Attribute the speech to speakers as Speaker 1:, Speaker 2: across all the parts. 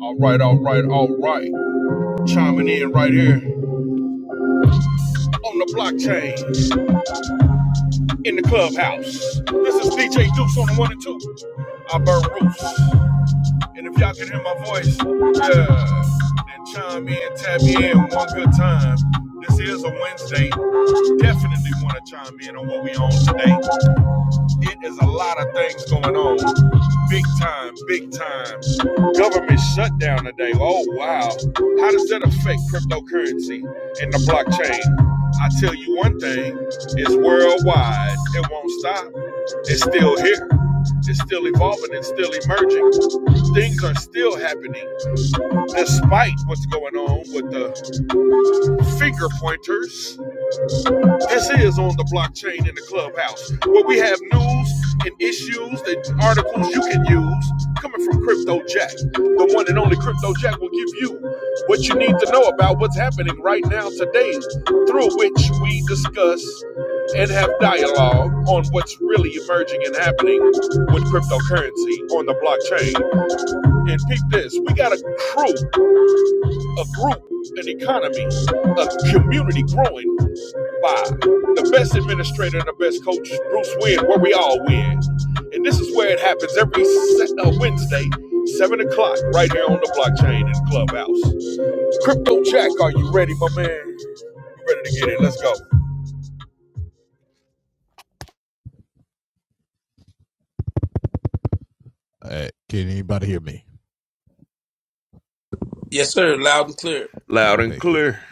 Speaker 1: All right, all right, all right. Chiming in right here on the blockchain in the clubhouse. This is DJ Deuce on the one and two. I burn roofs. And if y'all can hear my voice, yeah, then chime in, tap me in one good time. This is a Wednesday. Definitely want to chime in on what we on today. It is a lot of things going on. Big time, big time. Government shutdown today. Oh, wow. How does that affect cryptocurrency and the blockchain? I tell you one thing it's worldwide. It won't stop. It's still here. It's still evolving. and still emerging things are still happening despite what's going on with the finger pointers this is on the blockchain in the clubhouse, where we have news and issues and articles you can use coming from Crypto Jack. The one and only Crypto Jack will give you what you need to know about what's happening right now today, through which we discuss and have dialogue on what's really emerging and happening with cryptocurrency on the blockchain. And peep this, we got a crew, a group, an economy, a community growing by the best administrator and the best coach, Bruce Wynn, where we all win. And this is where it happens every uh, Wednesday, 7 o'clock, right here on the blockchain in Clubhouse. Crypto Jack, are you ready, my man? You ready to get it? Let's go.
Speaker 2: Yes, sir. Loud and clear.
Speaker 1: Loud and clear.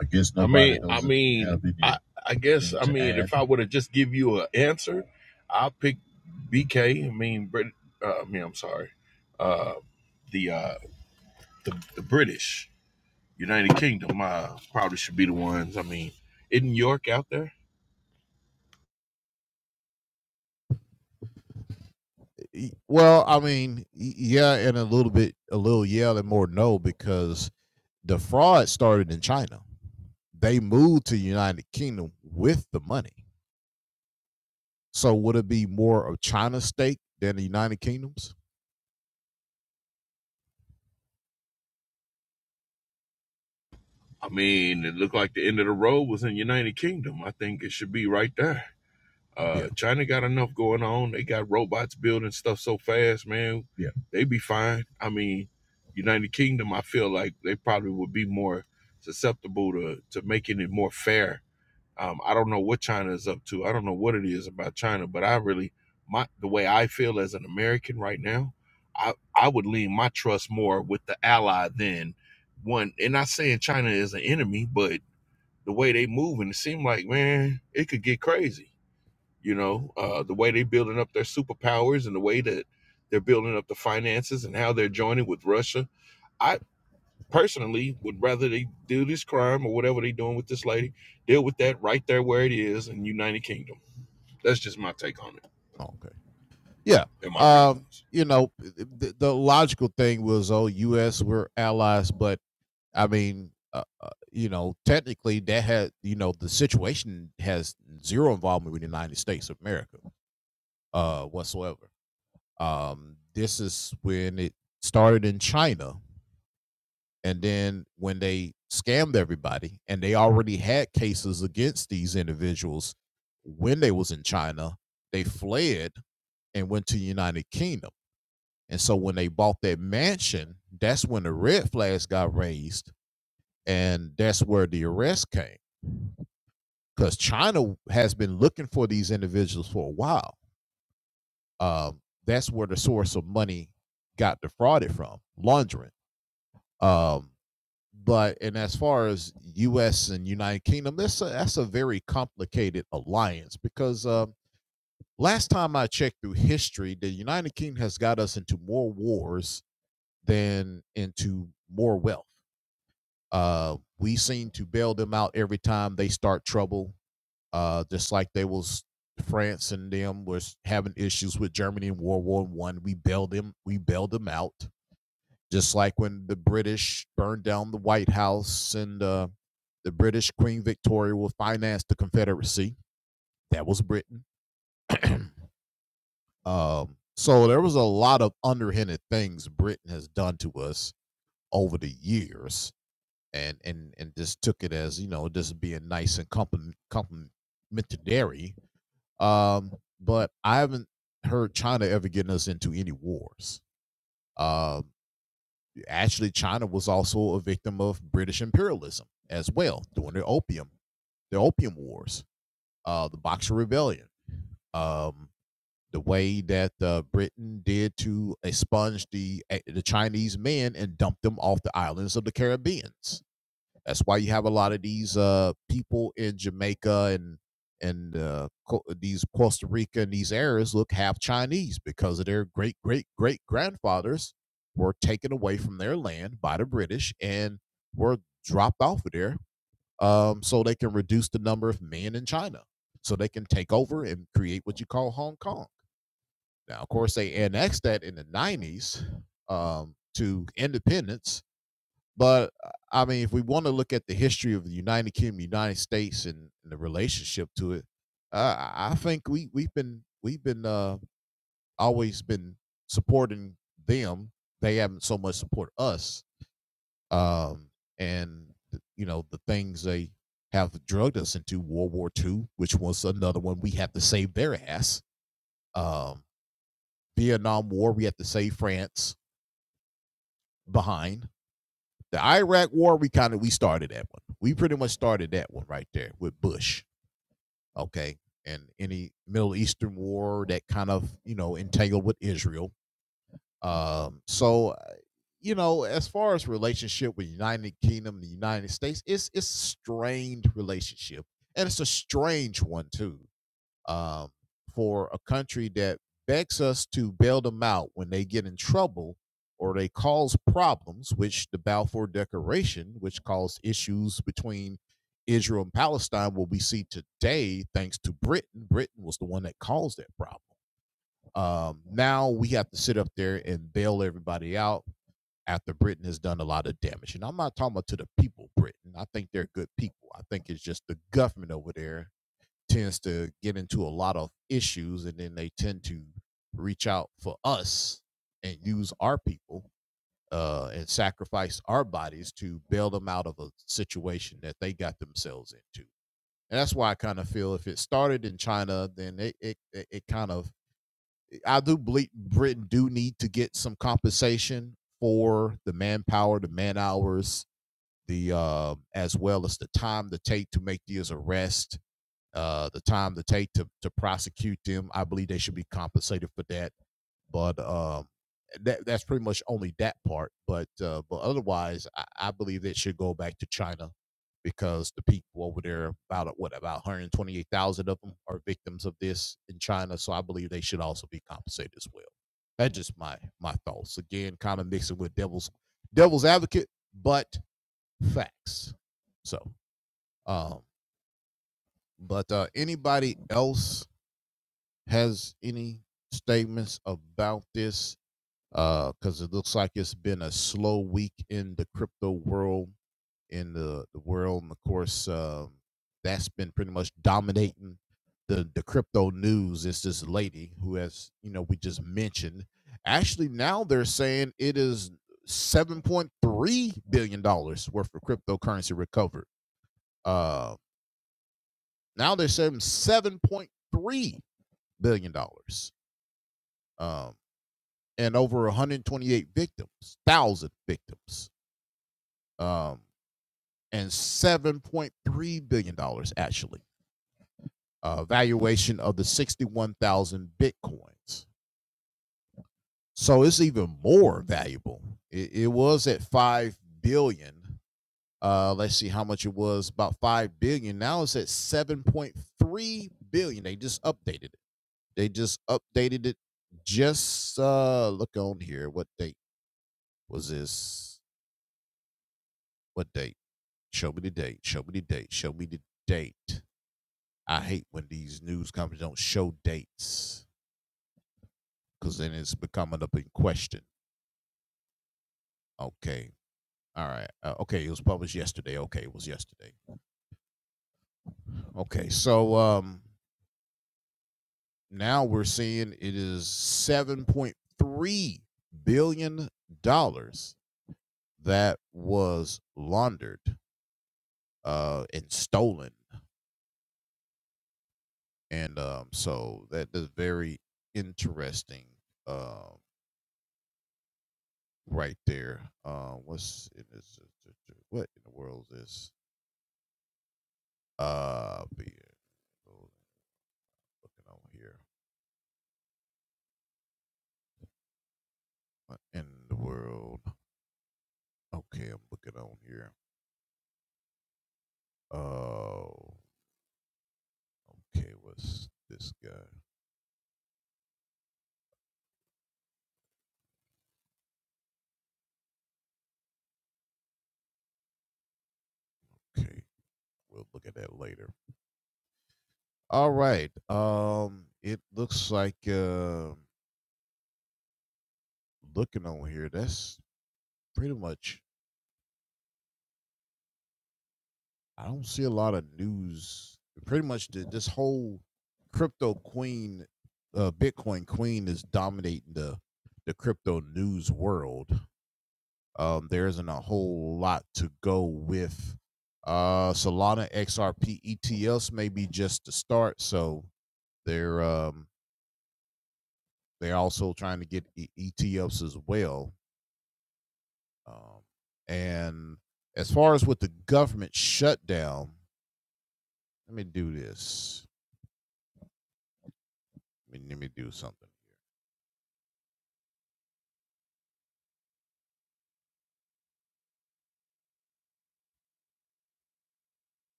Speaker 1: I guess nobody. I mean, I mean, I, I guess, I mean, add. if I would have just give you an answer, I'll pick BK. I mean, Brit, uh, I mean, I'm sorry, uh, the, uh, the the British. United Kingdom uh, probably should be the ones. I mean, isn't York out there? I mean, it looked like the end of the road was in United Kingdom. I think it should be right there. Uh, China got enough going on. They got robots building stuff so fast, man. Yeah. They be fine. I mean, United Kingdom, I feel like they probably would be more susceptible to, to making it more fair Um, I don't know what China is up to. I don't know what it is about China, but I really, my the way I feel as an American right now, I I would lean my trust more with the ally than one. And not saying China is an enemy, but the way they move and it seemed like man, it could get crazy. You know, uh, the way they building up their superpowers and the way that they're building up the finances and how they're joining with Russia. I personally would rather they do this crime or whatever they're doing with this lady, deal with that right there where it is in United Kingdom. That's just my take on it and my reasons.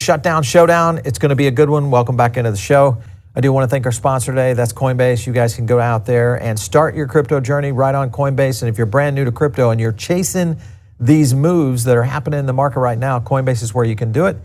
Speaker 3: Shutdown Showdown. It's going to be a good one. Welcome back into the show. I do want to thank our sponsor today. That's Coinbase. You guys can go out there and start your crypto journey right on Coinbase. And if you're brand new to crypto and you're chasing these moves that are happening in the market right now, Coinbase is where you can do it.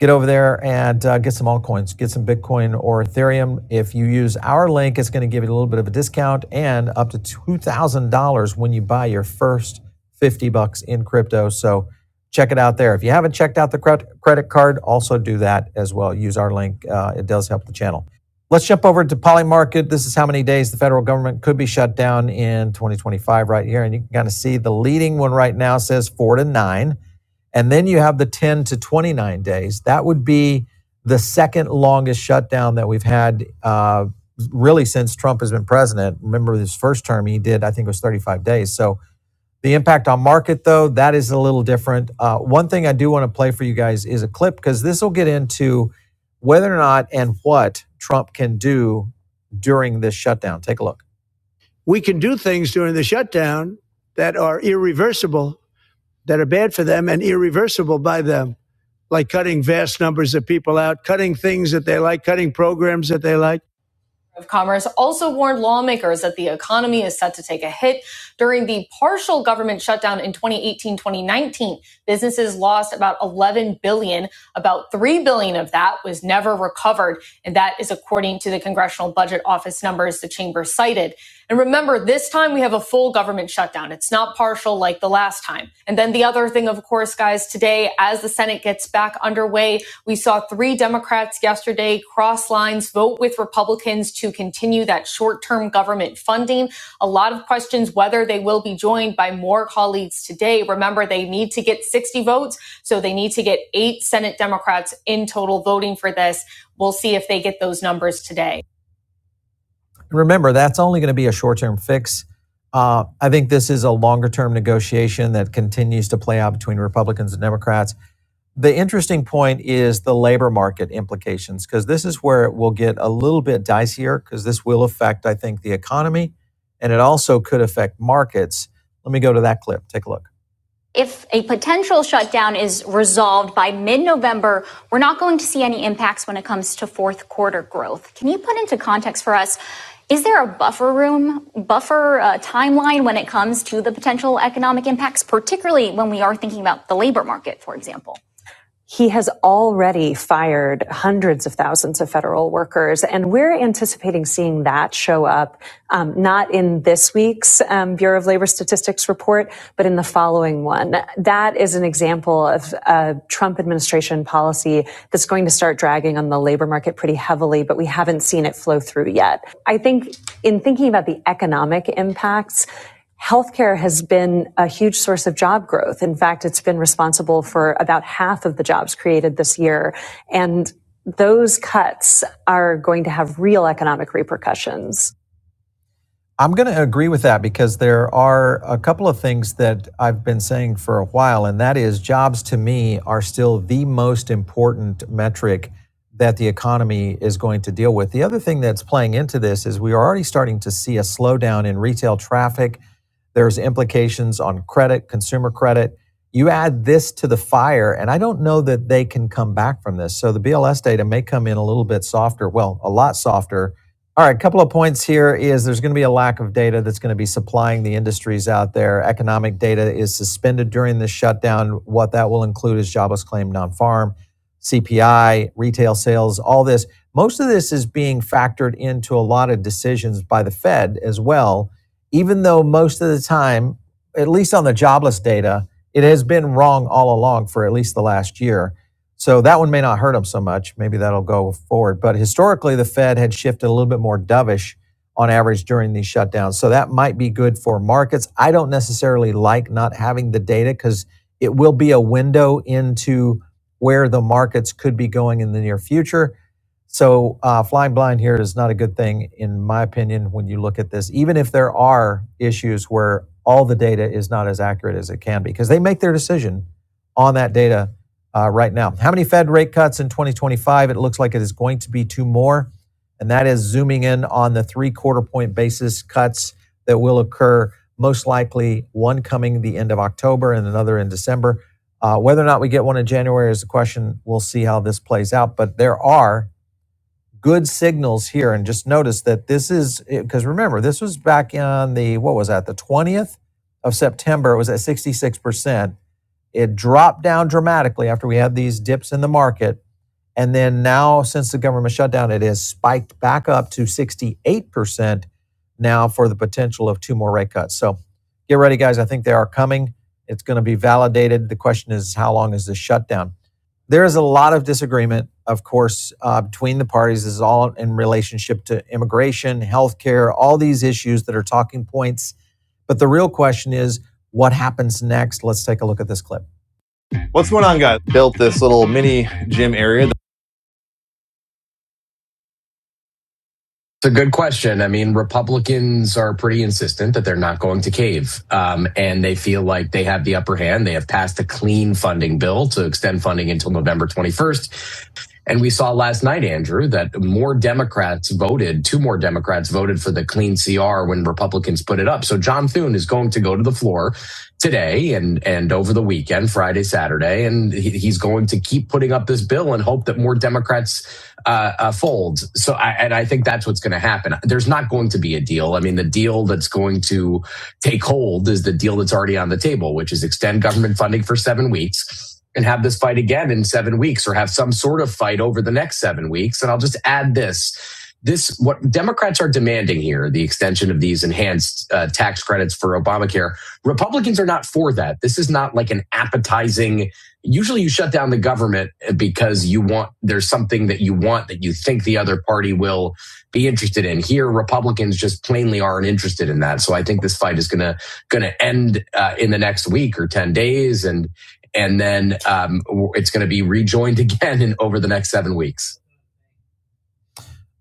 Speaker 3: Get over there and uh, get some altcoins, get some Bitcoin or Ethereum. If you use our link, it's going to give you a little bit of a discount and up to $2,000 when you buy your first 50 bucks in crypto. So check it out there. If you haven't checked out the credit card, also do that as well. Use our link, uh, it does help the channel. Let's jump over to Polymarket. This is how many days the federal government could be shut down in 2025 right here. And you can kind of see the leading one right now says four to nine. And then you have the 10 to 29 days. That would be the second longest shutdown that we've had uh, really since Trump has been president. Remember his first term, he did, I think it was 35 days. So the impact on market, though, that is a little different. Uh, one thing I do want to play for you guys is a clip because this will get into whether or not and what Trump can do during this shutdown. Take a look. We can do things during the shutdown that are irreversible, that are bad for them and irreversible by them, like cutting vast numbers of people out, cutting things that they like, cutting programs that they like of Commerce also warned lawmakers that the economy is set to take a hit. During the partial government shutdown in 2018 2019, businesses lost about 11 billion. dollars. About 3 billion dollars of that was never recovered. And that is according to the Congressional Budget Office numbers the chamber cited. And remember, this time we have a full government shutdown. It's not partial like the last time. And then the other thing, of course, guys, today, as the Senate gets back underway, we saw three Democrats yesterday cross lines, vote with Republicans to continue that short term government funding. A lot of questions whether they will be joined by more colleagues today. Remember, they need to get 60 votes, so they need to get eight Senate Democrats in total voting for this. We'll see if they get those numbers today. Remember, that's only going to be a short term fix. Uh, I think this is a longer term negotiation that continues to play out between Republicans and Democrats the interesting point is the labor market implications because this is where it will get a little bit dicier because this will affect i think the economy and it also could affect markets let me go to that clip take a look if a potential shutdown is resolved by mid-november we're not going to see any impacts when it comes to fourth quarter growth can you put into context for us is there a buffer room buffer uh, timeline when it comes to the potential economic impacts particularly when we are thinking about the labor market for example he has already fired hundreds of thousands of federal workers, and we're anticipating seeing that show up um, not in this week's um, Bureau of Labor Statistics report, but in the following one. That is an example of uh, Trump administration policy that's going to start dragging on the labor market pretty heavily, but we haven't seen it flow through yet. I think in thinking about the economic impacts, Healthcare has been a huge source of job growth. In fact, it's been responsible for about half of the jobs created this year. And those cuts are going to have real economic repercussions. I'm going to agree with that because there are a couple of things that I've been saying for a while, and that is jobs to me are still the most important metric that the economy is going to deal with. The other thing that's playing into this is we are already starting to see a slowdown in retail traffic. There's implications on credit, consumer credit. You add this to the fire, and I don't know that they can come back from this. So the BLS data may come in a little bit softer, well, a lot softer all right, a couple of points here is there's going to be a lack of data that's going to be supplying the industries out there. Economic data is suspended during this shutdown. What that will include is jobless claim, non farm, CPI, retail sales, all this. Most of this is being factored into a lot of decisions by the Fed as well, even though most of the time, at least on the jobless data, it has been wrong all along for at least the last year so that one may not hurt them so much. Maybe that'll go forward. But historically, the Fed had shifted a little bit more dovish on average during these shutdowns. So that might be good for markets. I don't necessarily like not having the data because it will be a window into where the markets could be going in the near future. So uh, flying blind here is not a good thing, in my opinion, when you look at this, even if there are issues where all the data is not as accurate as it can be, because they make their decision on that data uh, right now. How many Fed rate cuts in 2025? It looks like it is going to be two more, and that is zooming in on the three quarter point basis cuts that will occur, most likely one coming the end of October and another in December. Uh, whether or not we get one in January is the question. We'll see how this plays out, but there are good signals here. And just notice that this is because remember, this was back on the what was that, the 20th of September, it was at 66%. It dropped down dramatically after we had these dips in the market. And then now, since the government shutdown, it has spiked back up to 68% now for the potential of two more rate cuts. So get ready, guys. I think they are coming. It's going to be validated. The question is, how long is this shutdown? There is a lot of disagreement, of course, uh, between the parties. This is all in relationship to immigration, healthcare, all these issues that are talking points. But the real question is, what happens next? Let's take a look at this clip. What's going on, guys? Built this little mini gym area. It's a good question. I mean, Republicans are pretty insistent that they're not going to cave, um, and they feel like they have the upper hand. They have passed a clean funding bill to extend funding until November 21st. And we saw last night, Andrew, that more Democrats voted, two more Democrats voted for the clean CR when Republicans put it up. So John Thune is going to go to the floor today and, and over the weekend, Friday, Saturday, and he, he's going to keep putting up this bill and hope that more Democrats uh, uh, fold. So I, and I think that's what's going to happen. There's not going to be a deal. I mean, the deal that's going to take hold is the deal that's already on the table, which is extend government funding for seven weeks and have this fight again in seven weeks or have some sort of fight over the next seven weeks. And I'll just add this. This, what Democrats are demanding here, the extension of these enhanced uh, tax credits for Obamacare. Republicans are not for that. This is not like an appetizing, usually you shut down the government because you want there's something that you want that you think the other party will be interested in. Here, Republicans just plainly aren't interested in that. So I think this fight is going to going to end uh, in the next week or ten days, and and then um, it's going to be rejoined again in over the next seven weeks.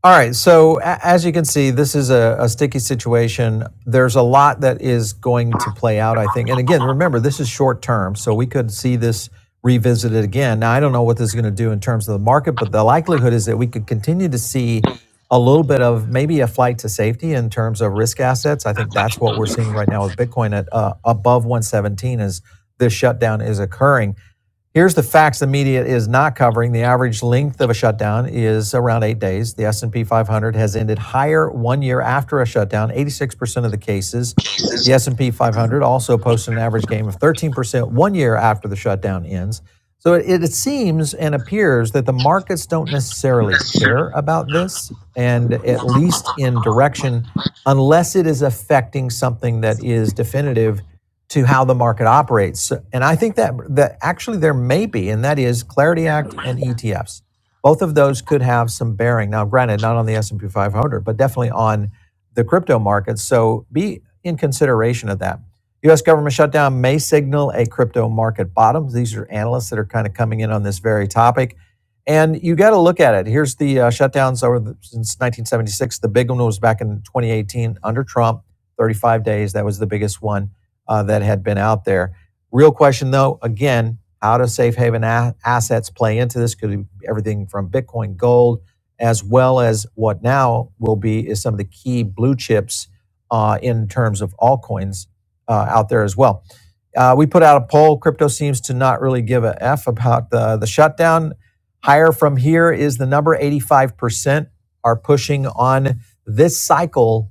Speaker 3: All right. So as you can see, this is a, a sticky situation. There's a lot that is going to play out, I think. And again, remember, this is short term, so we could see this revisited again. Now, I don't know what this is going to do in terms of the market, but the likelihood is that we could continue to see a little bit of maybe a flight to safety in terms of risk assets. I think that's what we're seeing right now with Bitcoin at uh, above 117 as this shutdown is occurring. Here's the facts the media is not covering. The average length of a shutdown is around 8 days. The S&P 500 has ended higher 1 year after a shutdown, 86% of the cases. The S&P 500 also posted an average gain of 13% 1 year after the shutdown ends. So it, it seems and appears that the markets don't necessarily care about this and at least in direction unless it is affecting something that is definitive to how the market operates. So- And I think that that actually there may be, and that is Clarity Act and ETFs. Both of those could have some bearing. Now, granted, not on the S and P 500, but definitely on the crypto markets. So be in consideration of that. U.S. government shutdown may signal a crypto market bottom. These are analysts that are kind of coming in on this very topic. And you got to look at it. Here's the uh, shutdowns over the, since 1976. The big one was back in 2018 under Trump, 35 days. That was the biggest one uh, that had been out there. Real question though, again, how do safe haven a- assets play into this? Could be everything from Bitcoin, gold, as well as what now will be is some of the key blue chips uh, in terms of altcoins uh, out there as well. Uh, we put out a poll. Crypto seems to not really give a f about the the shutdown. Higher from here is the number. Eighty five percent are pushing on this cycle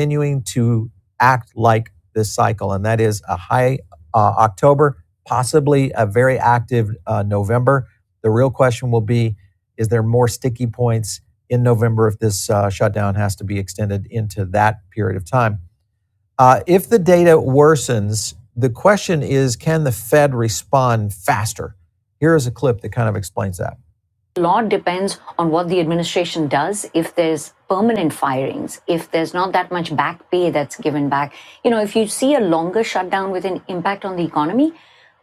Speaker 3: continuing to act like this cycle, and that is a high uh, October, possibly a very active uh, November. The real question will be is there more sticky points in November if this uh, shutdown has to be extended into that period of time? Uh, if the data worsens, the question is can the Fed respond faster? Here is a clip that kind of explains that. A lot depends on what the administration does if there's permanent firings if there's not that much back pay that's given back you know if you see a longer shutdown with an impact on the economy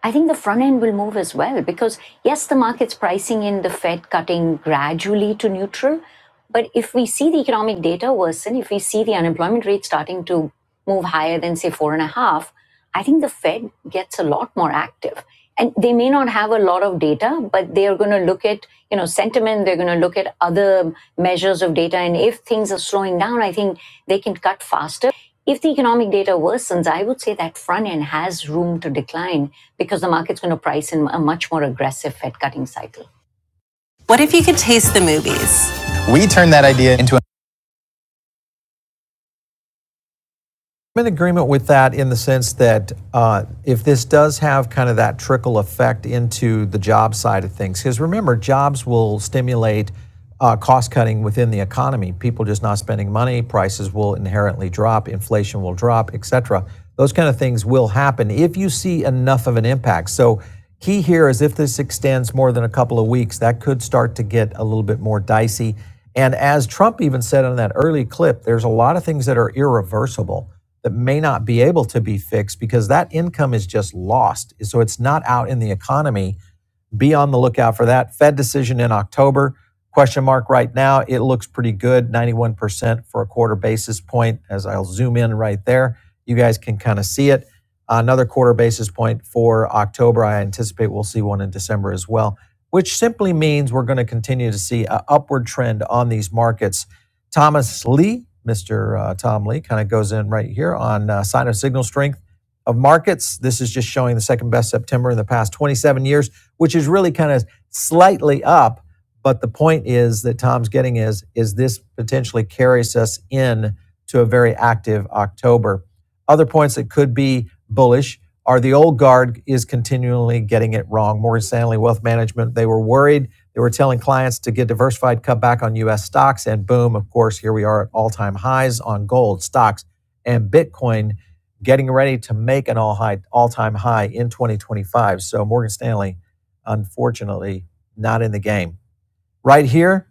Speaker 3: i think the front end will move as well because yes the market's pricing in the fed cutting gradually to neutral but if we see the economic data worsen if we see the unemployment rate starting to move higher than say four and a half I think the Fed gets a lot more active. And they may not have a lot of data, but they are going to look at, you know, sentiment. They're going to look at other measures of data. And if things are slowing down, I think they can cut faster. If the economic data worsens, I would say that front end has room to decline because the market's going to price in a much more aggressive Fed cutting cycle. What if you could taste the movies? I'm in agreement with that in the sense that uh, if this does have kind of that trickle effect into the job side of things, because remember, jobs will stimulate uh, cost cutting within the economy. People just not spending money, prices will inherently drop, inflation will drop, etc. Those kind of things will happen if you see enough of an impact. So key here is if this extends more than a couple of weeks, that could start to get a little bit more dicey. And as Trump even said on that early clip, there's a lot of things that are irreversible that may not be able to be fixed because that income is just lost. So it's not out in the economy be on the lookout for that. Fed decision in October. Question mark right now. It looks pretty good, 91% for a quarter basis point. As I'll zoom in right there, you guys can kind of see it. Another quarter basis point for October. I anticipate we'll see one in December as well, which simply means we're going to continue to see an upward trend on these markets. Thomas Lee, Mr. uh, Tom Lee, kind of goes in right here on uh, sign of signal strength of markets. This is just showing the second best September in the past 27 years which is really kind of slightly up. But the point is that Tom's getting is is this potentially carries us in to a very active October. Other points that could be bullish are the old guard is continually getting it wrong. Morgan Stanley Wealth Management, they were worried. They were telling clients to get diversified, cut back on US stocks, and boom, of course, here we are at all time highs on gold, stocks, and Bitcoin getting ready to make an all high all time high in 2025. So Morgan Stanley unfortunately, not in the game. Right here,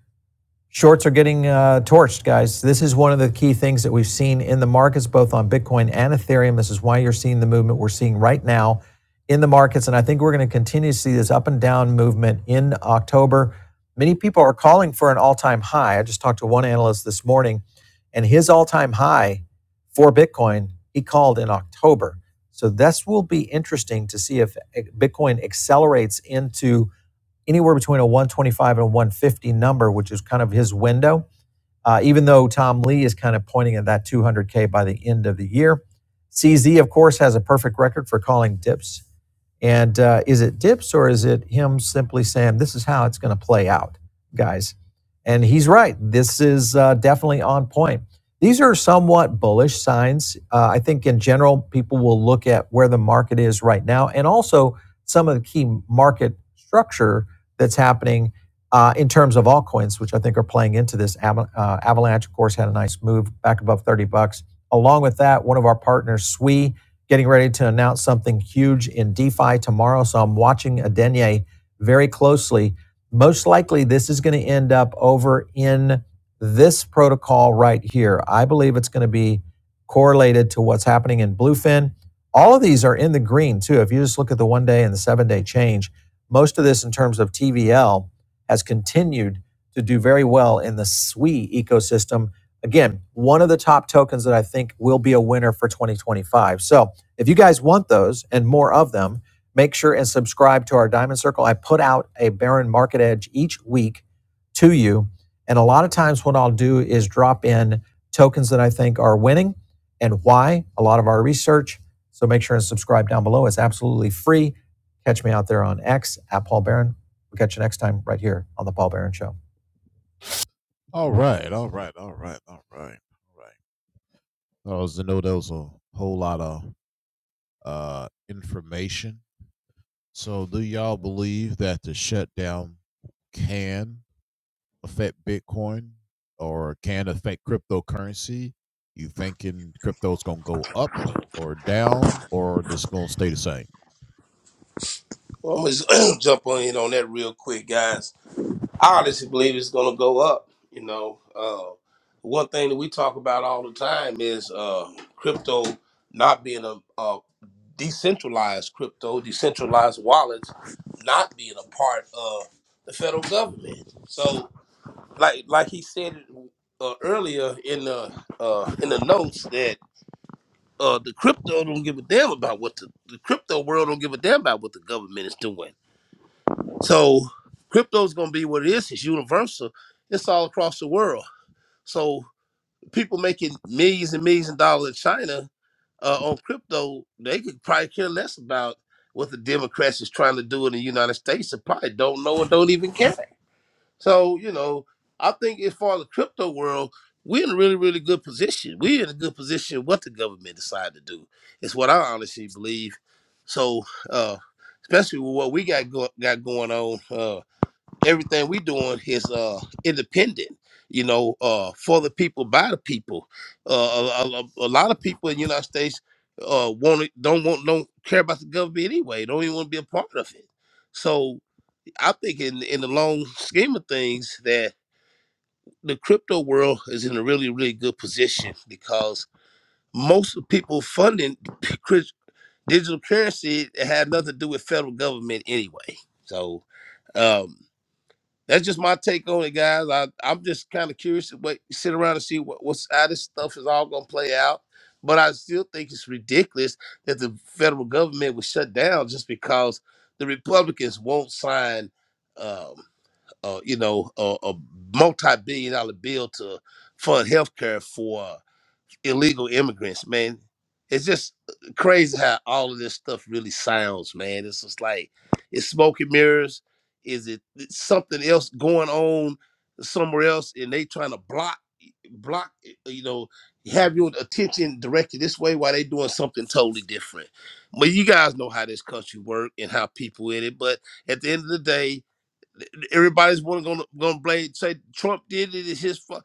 Speaker 3: shorts are getting uh, torched, guys. This is one of the key things that we've seen in the markets, both on Bitcoin and Ethereum. This is why you're seeing the movement we're seeing right now in the markets. And I think we're going to continue to see this up and down movement in October. Many people are calling for an all time high. I just talked to one analyst this morning, and his all time high for Bitcoin, he called in October. So this will be interesting to see if eh, Bitcoin accelerates into anywhere between a 125 and a 150 number, which is kind of his window uh, even though Tom Lee is kind of pointing at that 200K by the end of the year. CZ, of course, has a perfect record for calling dips. And uh, is it dips or is it him simply saying, this is how it's going to play out, guys? And he's right. This is uh, definitely on point. These are somewhat bullish signs. Uh, I think in general, people will look at where the market is right now and also some of the key market structure that's happening uh, in terms of altcoins, which I think are playing into this. Ava- uh, Avalanche, of course, had a nice move back above 30 bucks. Along with that, one of our partners, SWE, getting ready to announce something huge in DeFi tomorrow. So I'm watching Adenye very closely. Most likely, this is going to end up over in this protocol right here. I believe it's going to be correlated to what's happening in Bluefin. All of these are in the green, too. If you just look at the one day and the seven day change, most of this in terms of TVL has continued to do very well in the SWE ecosystem. Again, one of the top tokens that I think will be a winner for 2025. So if you guys want those and more of them, make sure and subscribe to our Diamond Circle. I put out a Baron Market Edge each week to you. And a lot of times, what I'll do is drop in tokens that I think are winning and why, a lot of our research. So make sure and subscribe down below. It's absolutely free. Catch me out there on X at Paul Barron We'll catch you next time right here on The Paul Barron Show.
Speaker 2: Well, I'm just jump on in on that real quick, guys. I honestly believe it's going to go up. You know, uh, one thing that we talk about all the time is uh, crypto not being a, a decentralized crypto, decentralized wallets not being a part of the federal government. So, like like he said uh, earlier in the uh, in the notes that. uh, the crypto don't give a damn about what the, the crypto world don't give a damn about what the government is doing. So crypto's gonna be what it is. It's universal. It's all across the world. So people making millions and millions of dollars in China uh, on crypto, they could probably care less about what the Democrats is trying to do in the United States. They probably don't know and don't even care. So, you know, I think as far as the crypto world, we're in a really, really good position. We're in a good position what the government decide to do. It's what I honestly believe. So, uh, especially with what we got go- got going on, uh, everything we doing is uh, independent. You know, uh, for the people, by the people. Uh, a, a, a lot of people in the United States uh, want don't want don't care about the government anyway. Don't even want to be a part of it. So I think in in the long scheme of things that the crypto world is in a really really good position because most of the people funding crypt- digital currency had nothing to do with federal government anyway. So um, that's just my take on it, guys. I I'm just kind of curious to wait, sit around and see what what's how this stuff is all gonna play out. But I still think it's ridiculous that the federal government was shut down just because the Republicans won't sign. Um, uh, you know, a, a multi-billion dollar bill to fund healthcare for illegal immigrants, man. It's just uh, crazy how all of this stuff really sounds, man. It's just like it's smoke and mirrors. Is it it's something else going on somewhere else, and they trying to block, block, uh, you know, have your attention directed this way while they doing something totally different. But you guys know how this country work and how people in it. But at the end of the day, Everybody's wanna gonna gonna blame say Trump did it. It's his fault.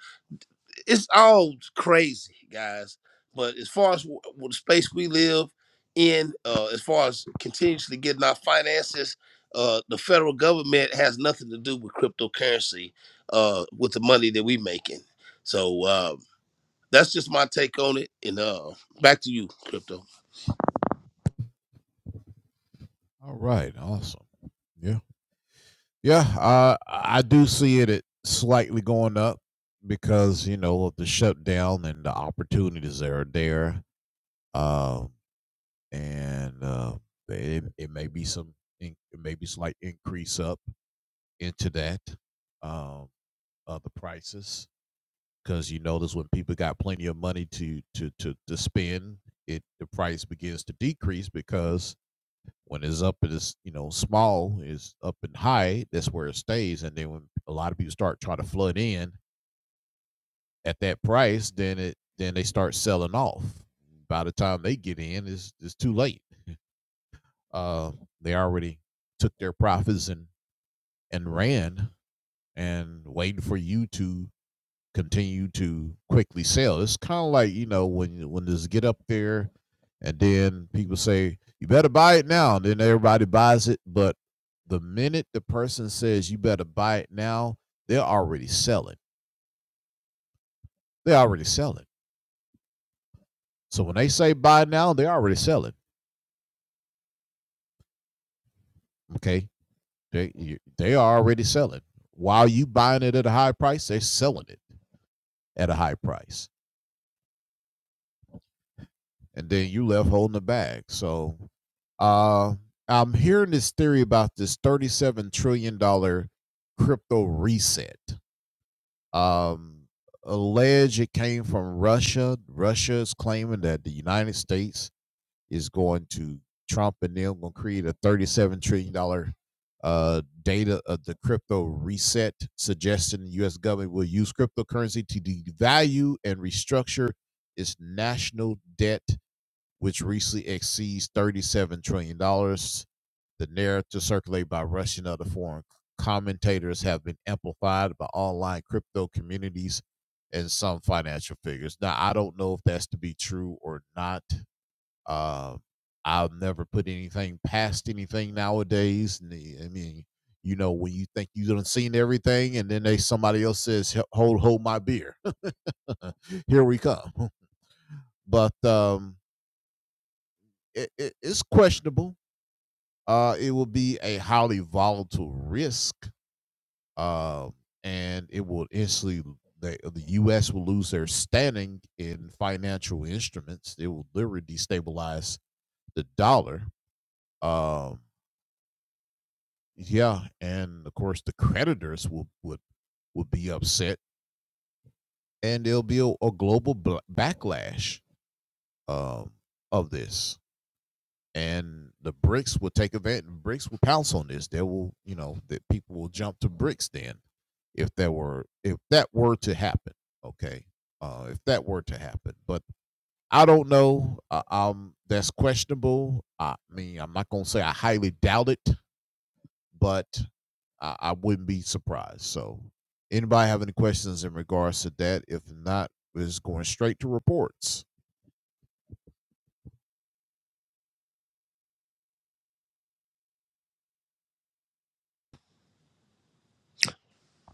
Speaker 2: It's all crazy, guys. But as far as w- w- the space we live in, uh, as far as continuously getting our finances, uh, the federal government has nothing to do with cryptocurrency, uh, with the money that we making. So uh, that's just my take on it. And uh, back to you, crypto.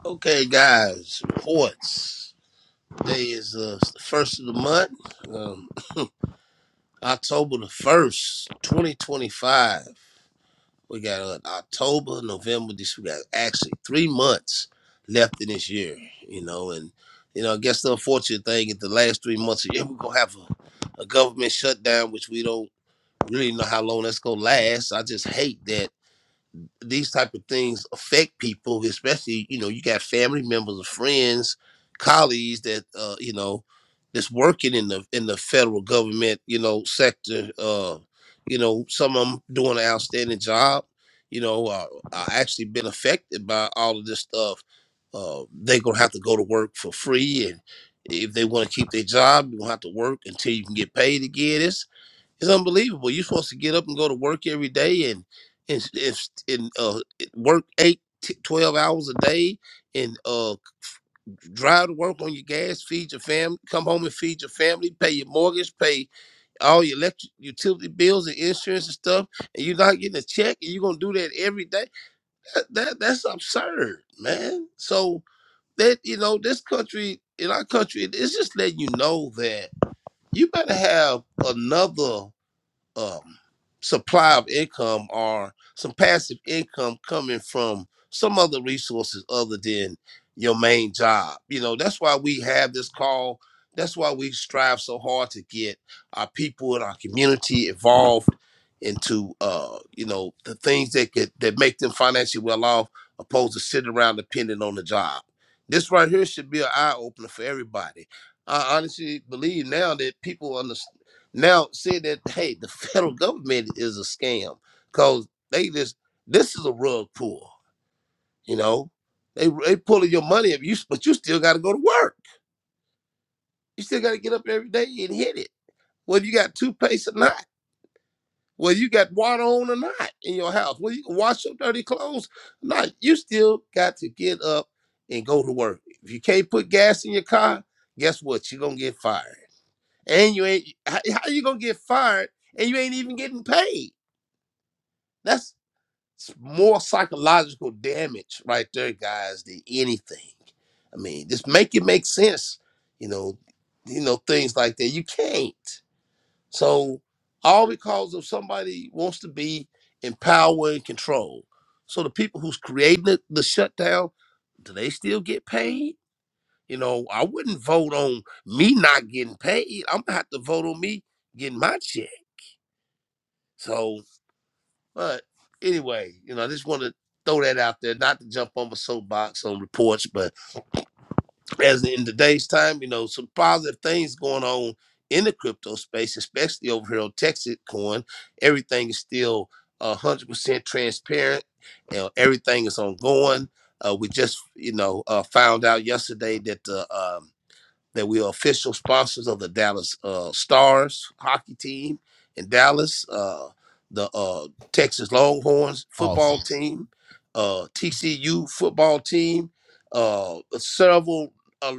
Speaker 2: Okay, guys, reports. Today is uh, the first of the month. Um, October the first, twenty twenty five. We got uh, October, November. This we got actually three months left in this year. You know, and you know, I guess the unfortunate thing is the last three months of the year we're gonna have a, a government shutdown, which we don't really know how long that's gonna last. I just hate that these type of things affect people, especially you know you got family members, or friends, colleagues that uh, you know that's working in the in the federal government you know sector. Uh, you know some of them doing an outstanding job. You know, uh, are actually been affected by all of this stuff. Uh, they gonna have to go to work for free, and if they want to keep their job, you gonna have to work until you can get paid again. It's unbelievable. You're supposed to get up and go to work every day and and, and, and uh, work eight, t- 12 hours a day and uh, drive to work on your gas, feed your family, come home and feed your family, pay your mortgage, pay all your electric utility bills and insurance and stuff. And you're not getting a check and you're going to do that every day. That, that That's absurd, man. So that, you know, this country, in our country, it's just letting you know that you better have another um, supply of income or some passive income coming from some other resources other than your main job. You know, that's why we have this call. That's why we strive so hard to get our people in our community involved into uh, you know, the things that could that make them financially well off opposed to sitting around depending on the job. This right here should be an eye opener for everybody. I honestly believe now that people understand now say that hey, the federal government is a scam because they just this is a rug pull. You know, they they pulling your money if you, but you still got to go to work. You still got to get up every day and hit it. Whether you got toothpaste or not, whether you got water on or not in your house, whether you can wash your dirty clothes or not, you still got to get up and go to work. If you can't put gas in your car, guess what? You're gonna get fired. And you ain't how, how you gonna get fired and you ain't even getting paid. It's more psychological damage right there, guys, than anything. I mean, just make it make sense, you know, you know, things like that. You can't. So all because of somebody wants to be in power and control. So the people who's creating the, the shutdown, do they still get paid? You know, I wouldn't vote on me not getting paid. I'm gonna have to vote on me getting my check. So. But anyway, you know, I just want to throw that out there, not to jump on my soapbox on reports, but as in today's time, you know, some positive things going on in the crypto space, especially over here on Texas Coin. Everything is still a 100% transparent. You know, everything is ongoing. Uh, we just, you know, uh, found out yesterday that the um, that we are official sponsors of the Dallas uh, Stars hockey team in Dallas, uh, the uh, Texas Longhorns football team, uh, TCU football team, uh, several uh,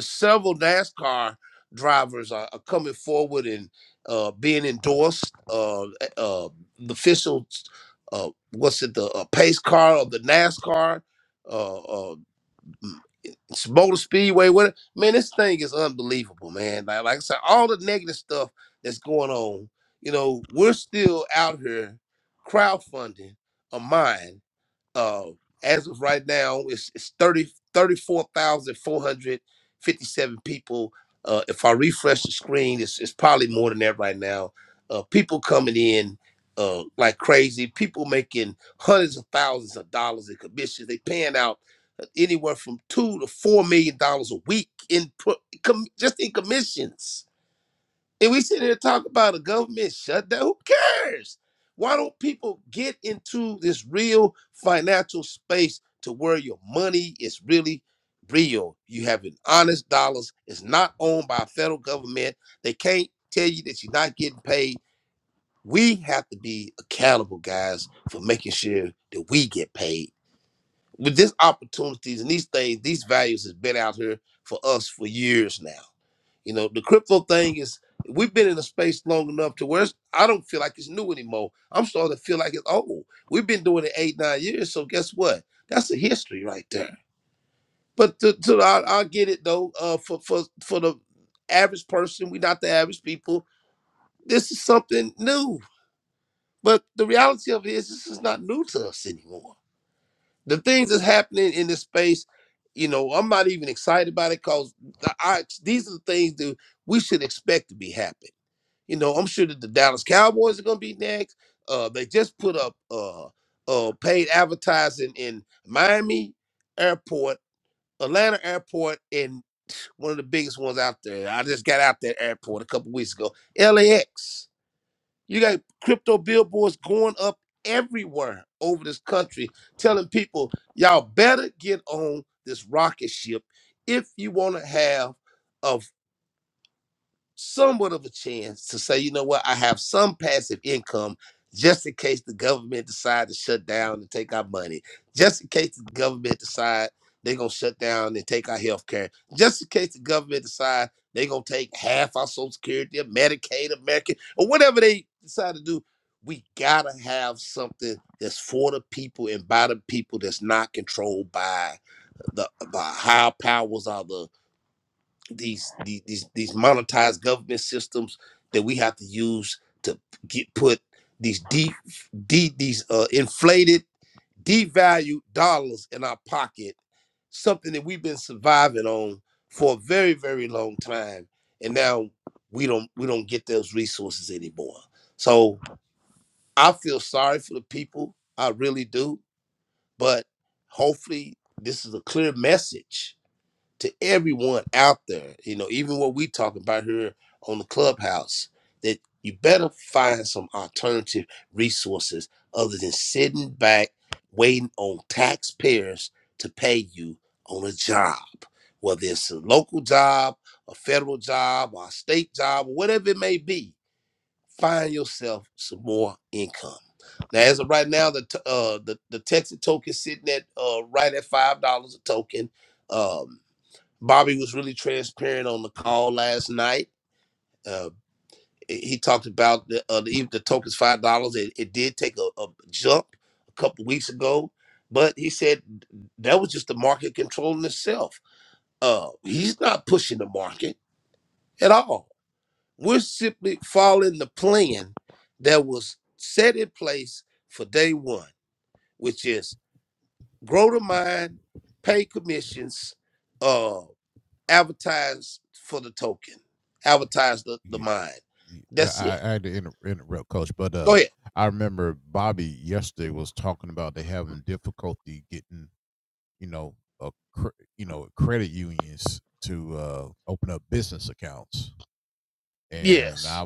Speaker 2: several NASCAR drivers are, are coming forward and uh, being endorsed. Uh, uh, the official, uh, what's it, the uh, pace car of the NASCAR. Uh, uh, it's Motor Speedway, what man, this thing is unbelievable, man. Like, like I said, all the negative stuff that's going on, you know, we're still out here crowdfunding a mine uh, as of right now, it's, it's 30, thirty-four thousand four hundred fifty-seven people. Uh, if I refresh the screen, it's, it's probably more than that right now. Uh, people coming in uh, like crazy. People making hundreds of thousands of dollars in commissions. They paying out uh, anywhere from two to four million dollars a week in pro- com- just in commissions and we sit here and talk about a government shutdown. Who cares? Why don't people get into this real financial space to where your money is really real? You have an honest dollars. It's not owned by a federal government. They can't tell you that you're not getting paid. We have to be accountable, guys, for making sure that we get paid. With these opportunities and these things, these values has been out here for us for years now. You know, the crypto thing is we've been in a space long enough to where it's, I don't feel like it's new anymore. I'm starting to feel like it's old. We've been doing it eight, nine years. So guess what? That's a history right there. But to, to I, I get it though. Uh, for for for the average person, we're not the average people. This is something new. But the reality of it is, this is not new to us anymore. The things that's happening in this space, you know, I'm not even excited about it because I, these are the things that we should expect to be happening You know, I'm sure that the Dallas Cowboys are going to be next. Uh, they just put up uh, uh, paid advertising in Miami Airport, Atlanta Airport, and one of the biggest ones out there. I just got out that airport a couple weeks ago. LAX. You got crypto billboards going up everywhere over this country, telling people y'all better get on this rocket ship if you want to have. a somewhat of a chance to say, you know what, I have some passive income just in case the government decide to shut down and take our money, just in case the government decide they're gonna shut down and take our health care, just in case the government decide they're gonna take half our social security or Medicaid, American, or whatever they decide to do. We gotta have something that's for the people and by the people that's not controlled by the by high powers or the these the- these these monetized government systems that we have to use to get put these deep de- these uh, inflated devalued dollars in our pocket something that we've been surviving on for a very very long time and now we don't we don't get those resources anymore so i feel sorry for the people i really do but hopefully this is a clear message to everyone out there, you know, even what we talking about here on the clubhouse, that you better find some alternative resources other than sitting back waiting on taxpayers to pay you on a job, whether it's a local job, a federal job, or a state job, or whatever it may be. Find yourself some more income. Now, as of right now, the t- uh, the the Texas token sitting at uh, right at five dollars a token. Um, Bobby was really transparent on the call last night. Uh, he talked about the uh, the, the token's five dollars. It, it did take a, a jump a couple weeks ago, but he said that was just the market controlling itself. Uh, he's not pushing the market at all. We're simply following the plan that was set in place for day one, which is grow the mine, pay commissions. uh, advertise for the token, advertise the, the mind. That's it. Go ahead. Yes.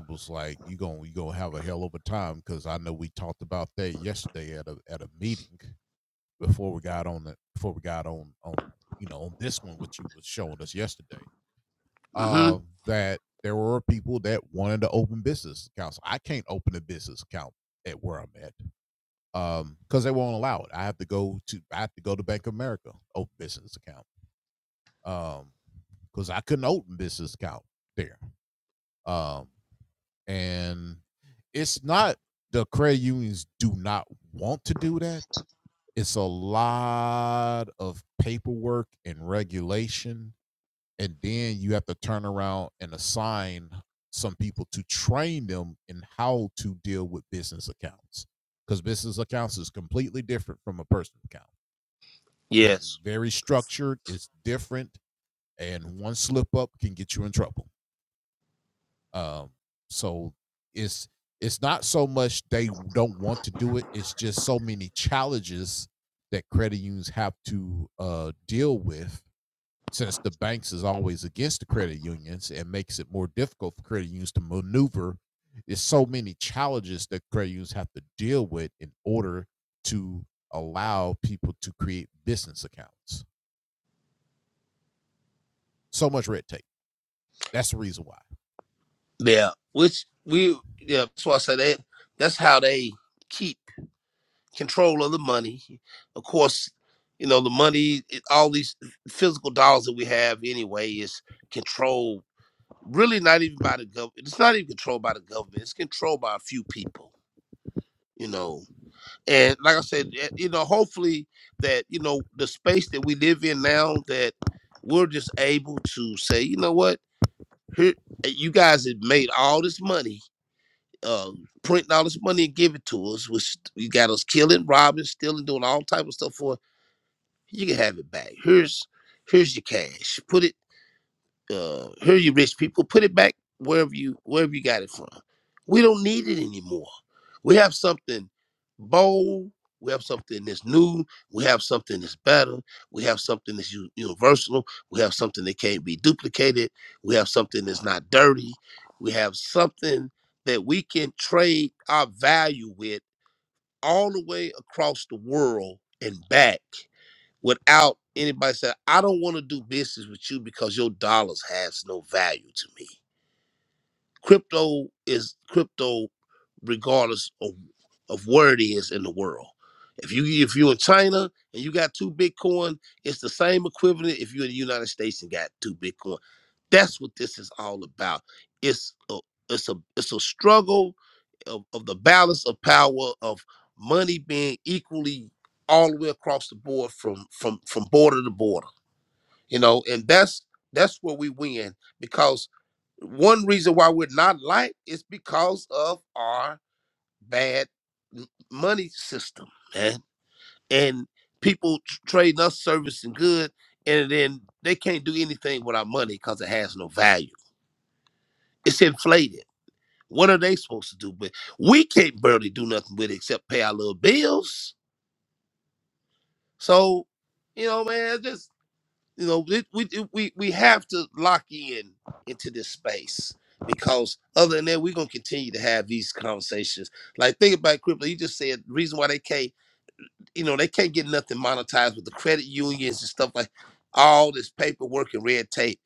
Speaker 2: Mm-hmm. Yes. Yeah. Which we yeah, that's why I say that that's how they keep control of the money. Of course, you know, the money it- all these physical dollars that we have anyway is controlled really not even by the government. It's not even controlled by the government. It's controlled by a few people, you know and like I said, eh, you know, hopefully that you know the space that we live in now that we're just able to say, you know what, here eh, you guys have made all this money, uh, printing all this money and give it to us, which you got us killing, robbing, stealing, doing all type of stuff for. You can have it back. Here's here's your cash. Put it uh here you rich people put it back wherever you wherever you got it from we don't need it anymore we have something bold we have something that's new we have something that's better we have something that's u- universal we have something that can't be duplicated we have something that's not dirty we have something that we can trade our value with all the way across the world and back without anybody saying, I don't want to do business with you because your dollars has no value to me. Crypto is crypto regardless of, of where it is in the world. If you if you're in China and you got two Bitcoin, it's the same equivalent if you're in the United States and got two Bitcoin. That's what this is all about. It's a it's a it's a struggle of, of the balance of power of money being equally all the way across the board from from from border to border you know and that's that's where we win because one reason why we're not liked is because of our bad m- money system man and people tr- trading us service and good and then they can't do anything with our money because it has no value it's inflated what are they supposed to do but we can't barely do nothing with it except pay our little bills so you know man just. you know it, we it- we we have to lock in into this space because other than that we're gonna continue to have these conversations like think about crypto you just said reason why they can't you know, they can't get nothing monetized with the credit unions and stuff like all this paperwork and red tape.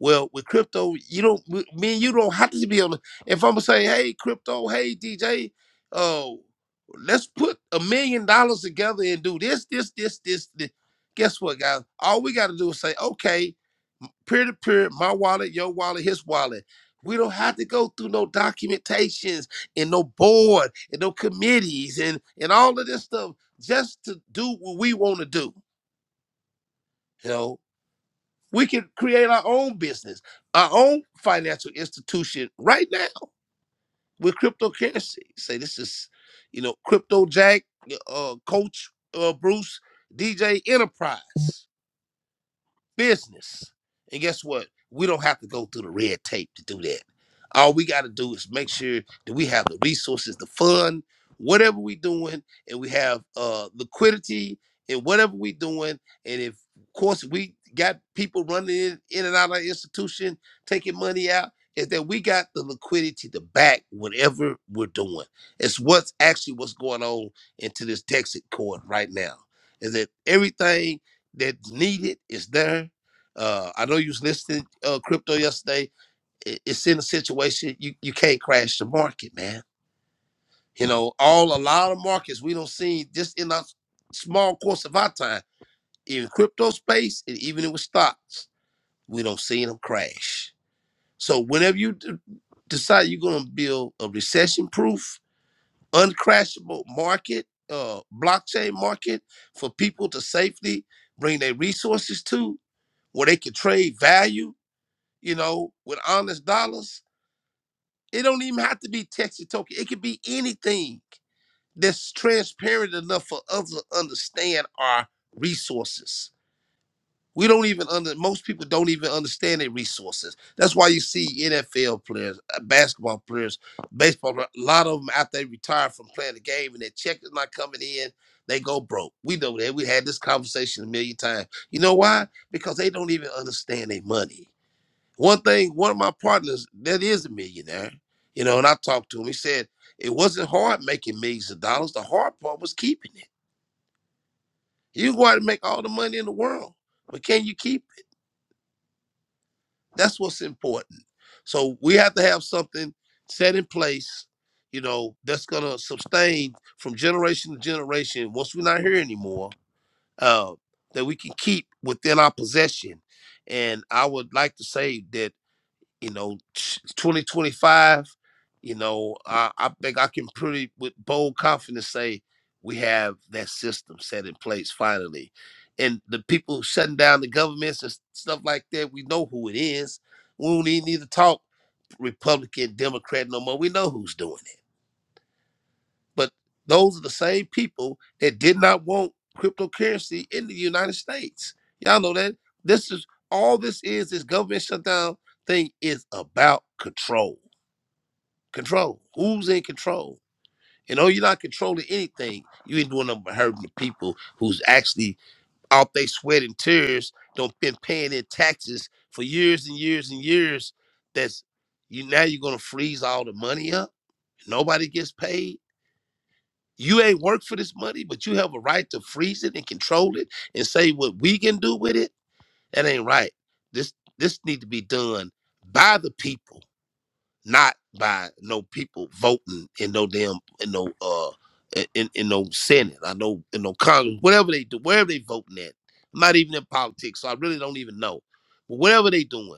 Speaker 2: Well, with crypto, you don't, w- me and you don't have to be on. the- If I'm gonna say, hey, crypto, hey, DJ, oh, let's put a million dollars together and do this, this, this, this, this. Guess what, guys? All we got to do is say, okay, peer to peer, my wallet, your wallet, his wallet. We don't have to go through no documentations and no board and no committees and and all of this stuff just to do what we want to do. You know, we can create our own business, our own financial institution right now with cryptocurrency. Say this is, you know, Crypto Jack, uh, Coach uh, Bruce, DJ Enterprise. business. And guess what? We don't have to go through the red tape to do that. All we got to do is make sure that we have the resources to fund whatever we're doing, and we have uh, liquidity in whatever we're doing. And if, of course, we got people running in, in and out of our institution, taking money out, is that we got the liquidity to back whatever we're doing. It's what's actually what's going on into this Texas court right now. Is that everything that's needed is there. Uh, I know you was listening uh, crypto yesterday. I- It's in a situation you, you can't crash the market, man. You know, all a lot of markets we don't see just in our small course of our time in crypto space and even with stocks, we don't see them crash. So whenever you d- decide you're going to build a recession-proof uncrashable market, uh, blockchain market for people to safely bring their resources to, where they can trade value, you know, with honest dollars. It don't even have to be Texas token. It could be anything that's transparent enough for others to understand our resources we don't even under most people don't even understand their resources. That's why you see NFL players, uh, basketball players, baseball. player- A lot of them after they retire from playing the game and their check is not coming in, they go broke. We know that. We had this conversation a million times. You know why? Because they don't even understand their money. One thing, one of my partners that is a millionaire, you know, and I talked to him. He said it wasn't hard making millions of dollars. The hard part was keeping it. You go out and make all the money in the world, but can you keep it? That's what's important. So we have to have something set in place, you know, that's gonna sustain from generation to generation. Once we're not here anymore, uh, that we can keep within our possession. And I would like to say that you know, 2025, you know, I, I think I can pretty with bold confidence say we have that system set in place finally. And the people shutting down the governments and stuff like that, we know who it is. We don't even need to talk Republican, Democrat no more. We know who's doing it. But those are the same people that did not want cryptocurrency in the United States. Y'all know that. This is all this is, this government shutdown thing is about control. Control. Who's in control? You know, you're not controlling anything. You ain't doing nothing but hurting the people who's actually out there sweating tears, don't been paying their taxes for years and years and years. That's you now you're gonna freeze all the money up. Nobody gets paid. You ain't worked for this money, but you have a right to freeze it and control it and say what we can do with it. That ain't right. This this need to be done by the people not by no people voting in no damn in no uh in, in no senate i know in no congress whatever they do wherever they voting at i'm not even in politics so i really don't even know but whatever they doing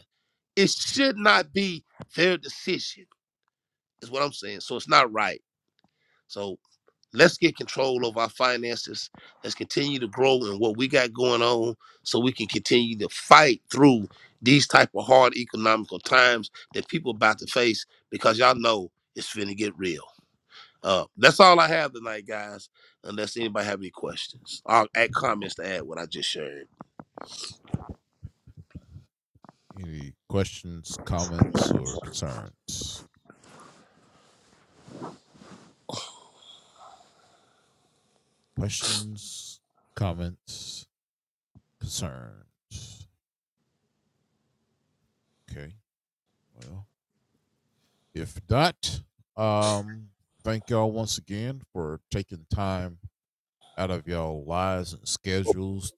Speaker 2: it should not be their decision is what i'm saying so it's not right so Let's get control of our finances. Let's continue to grow in what we got going on so we can continue to fight through these type of hard economical times that people about to face because y'all know it's finna get real. Uh, that's all I have tonight, guys. Unless anybody have any questions or add comments to add what I just shared.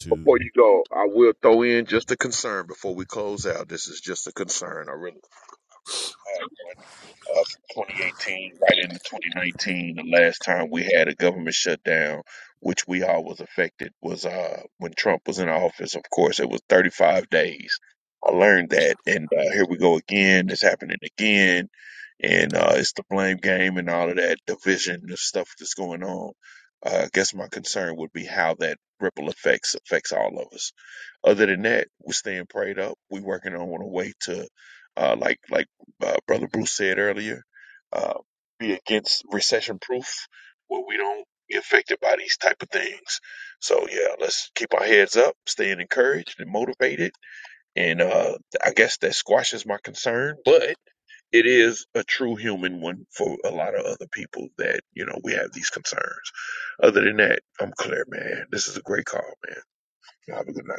Speaker 1: Before you go, I will throw in just a concern before we close out. This is just a concern. I really. uh, from 2018 right into 2019, the last time we had a government shutdown, which we all was affected, was uh, when Trump was in office. Of course, it was 35 days. I learned that, and uh, here we go again. It's happening again, and uh, it's the blame game and all of that division and stuff that's going on. Uh, I guess my concern would be how that ripple effects affects all of us other than that, we're staying prayed up. We're working on a way to, uh, like like uh, Brother Bruce said earlier, uh, be against recession proof where we don't get affected by these type of things. So yeah, let's keep our heads up, staying encouraged and motivated. And uh, I guess that squashes my concern, but it is a true human one for a lot of other people that, you know, we have these concerns. Other than that, I'm clear, man. This is a great call, man. Have a good night.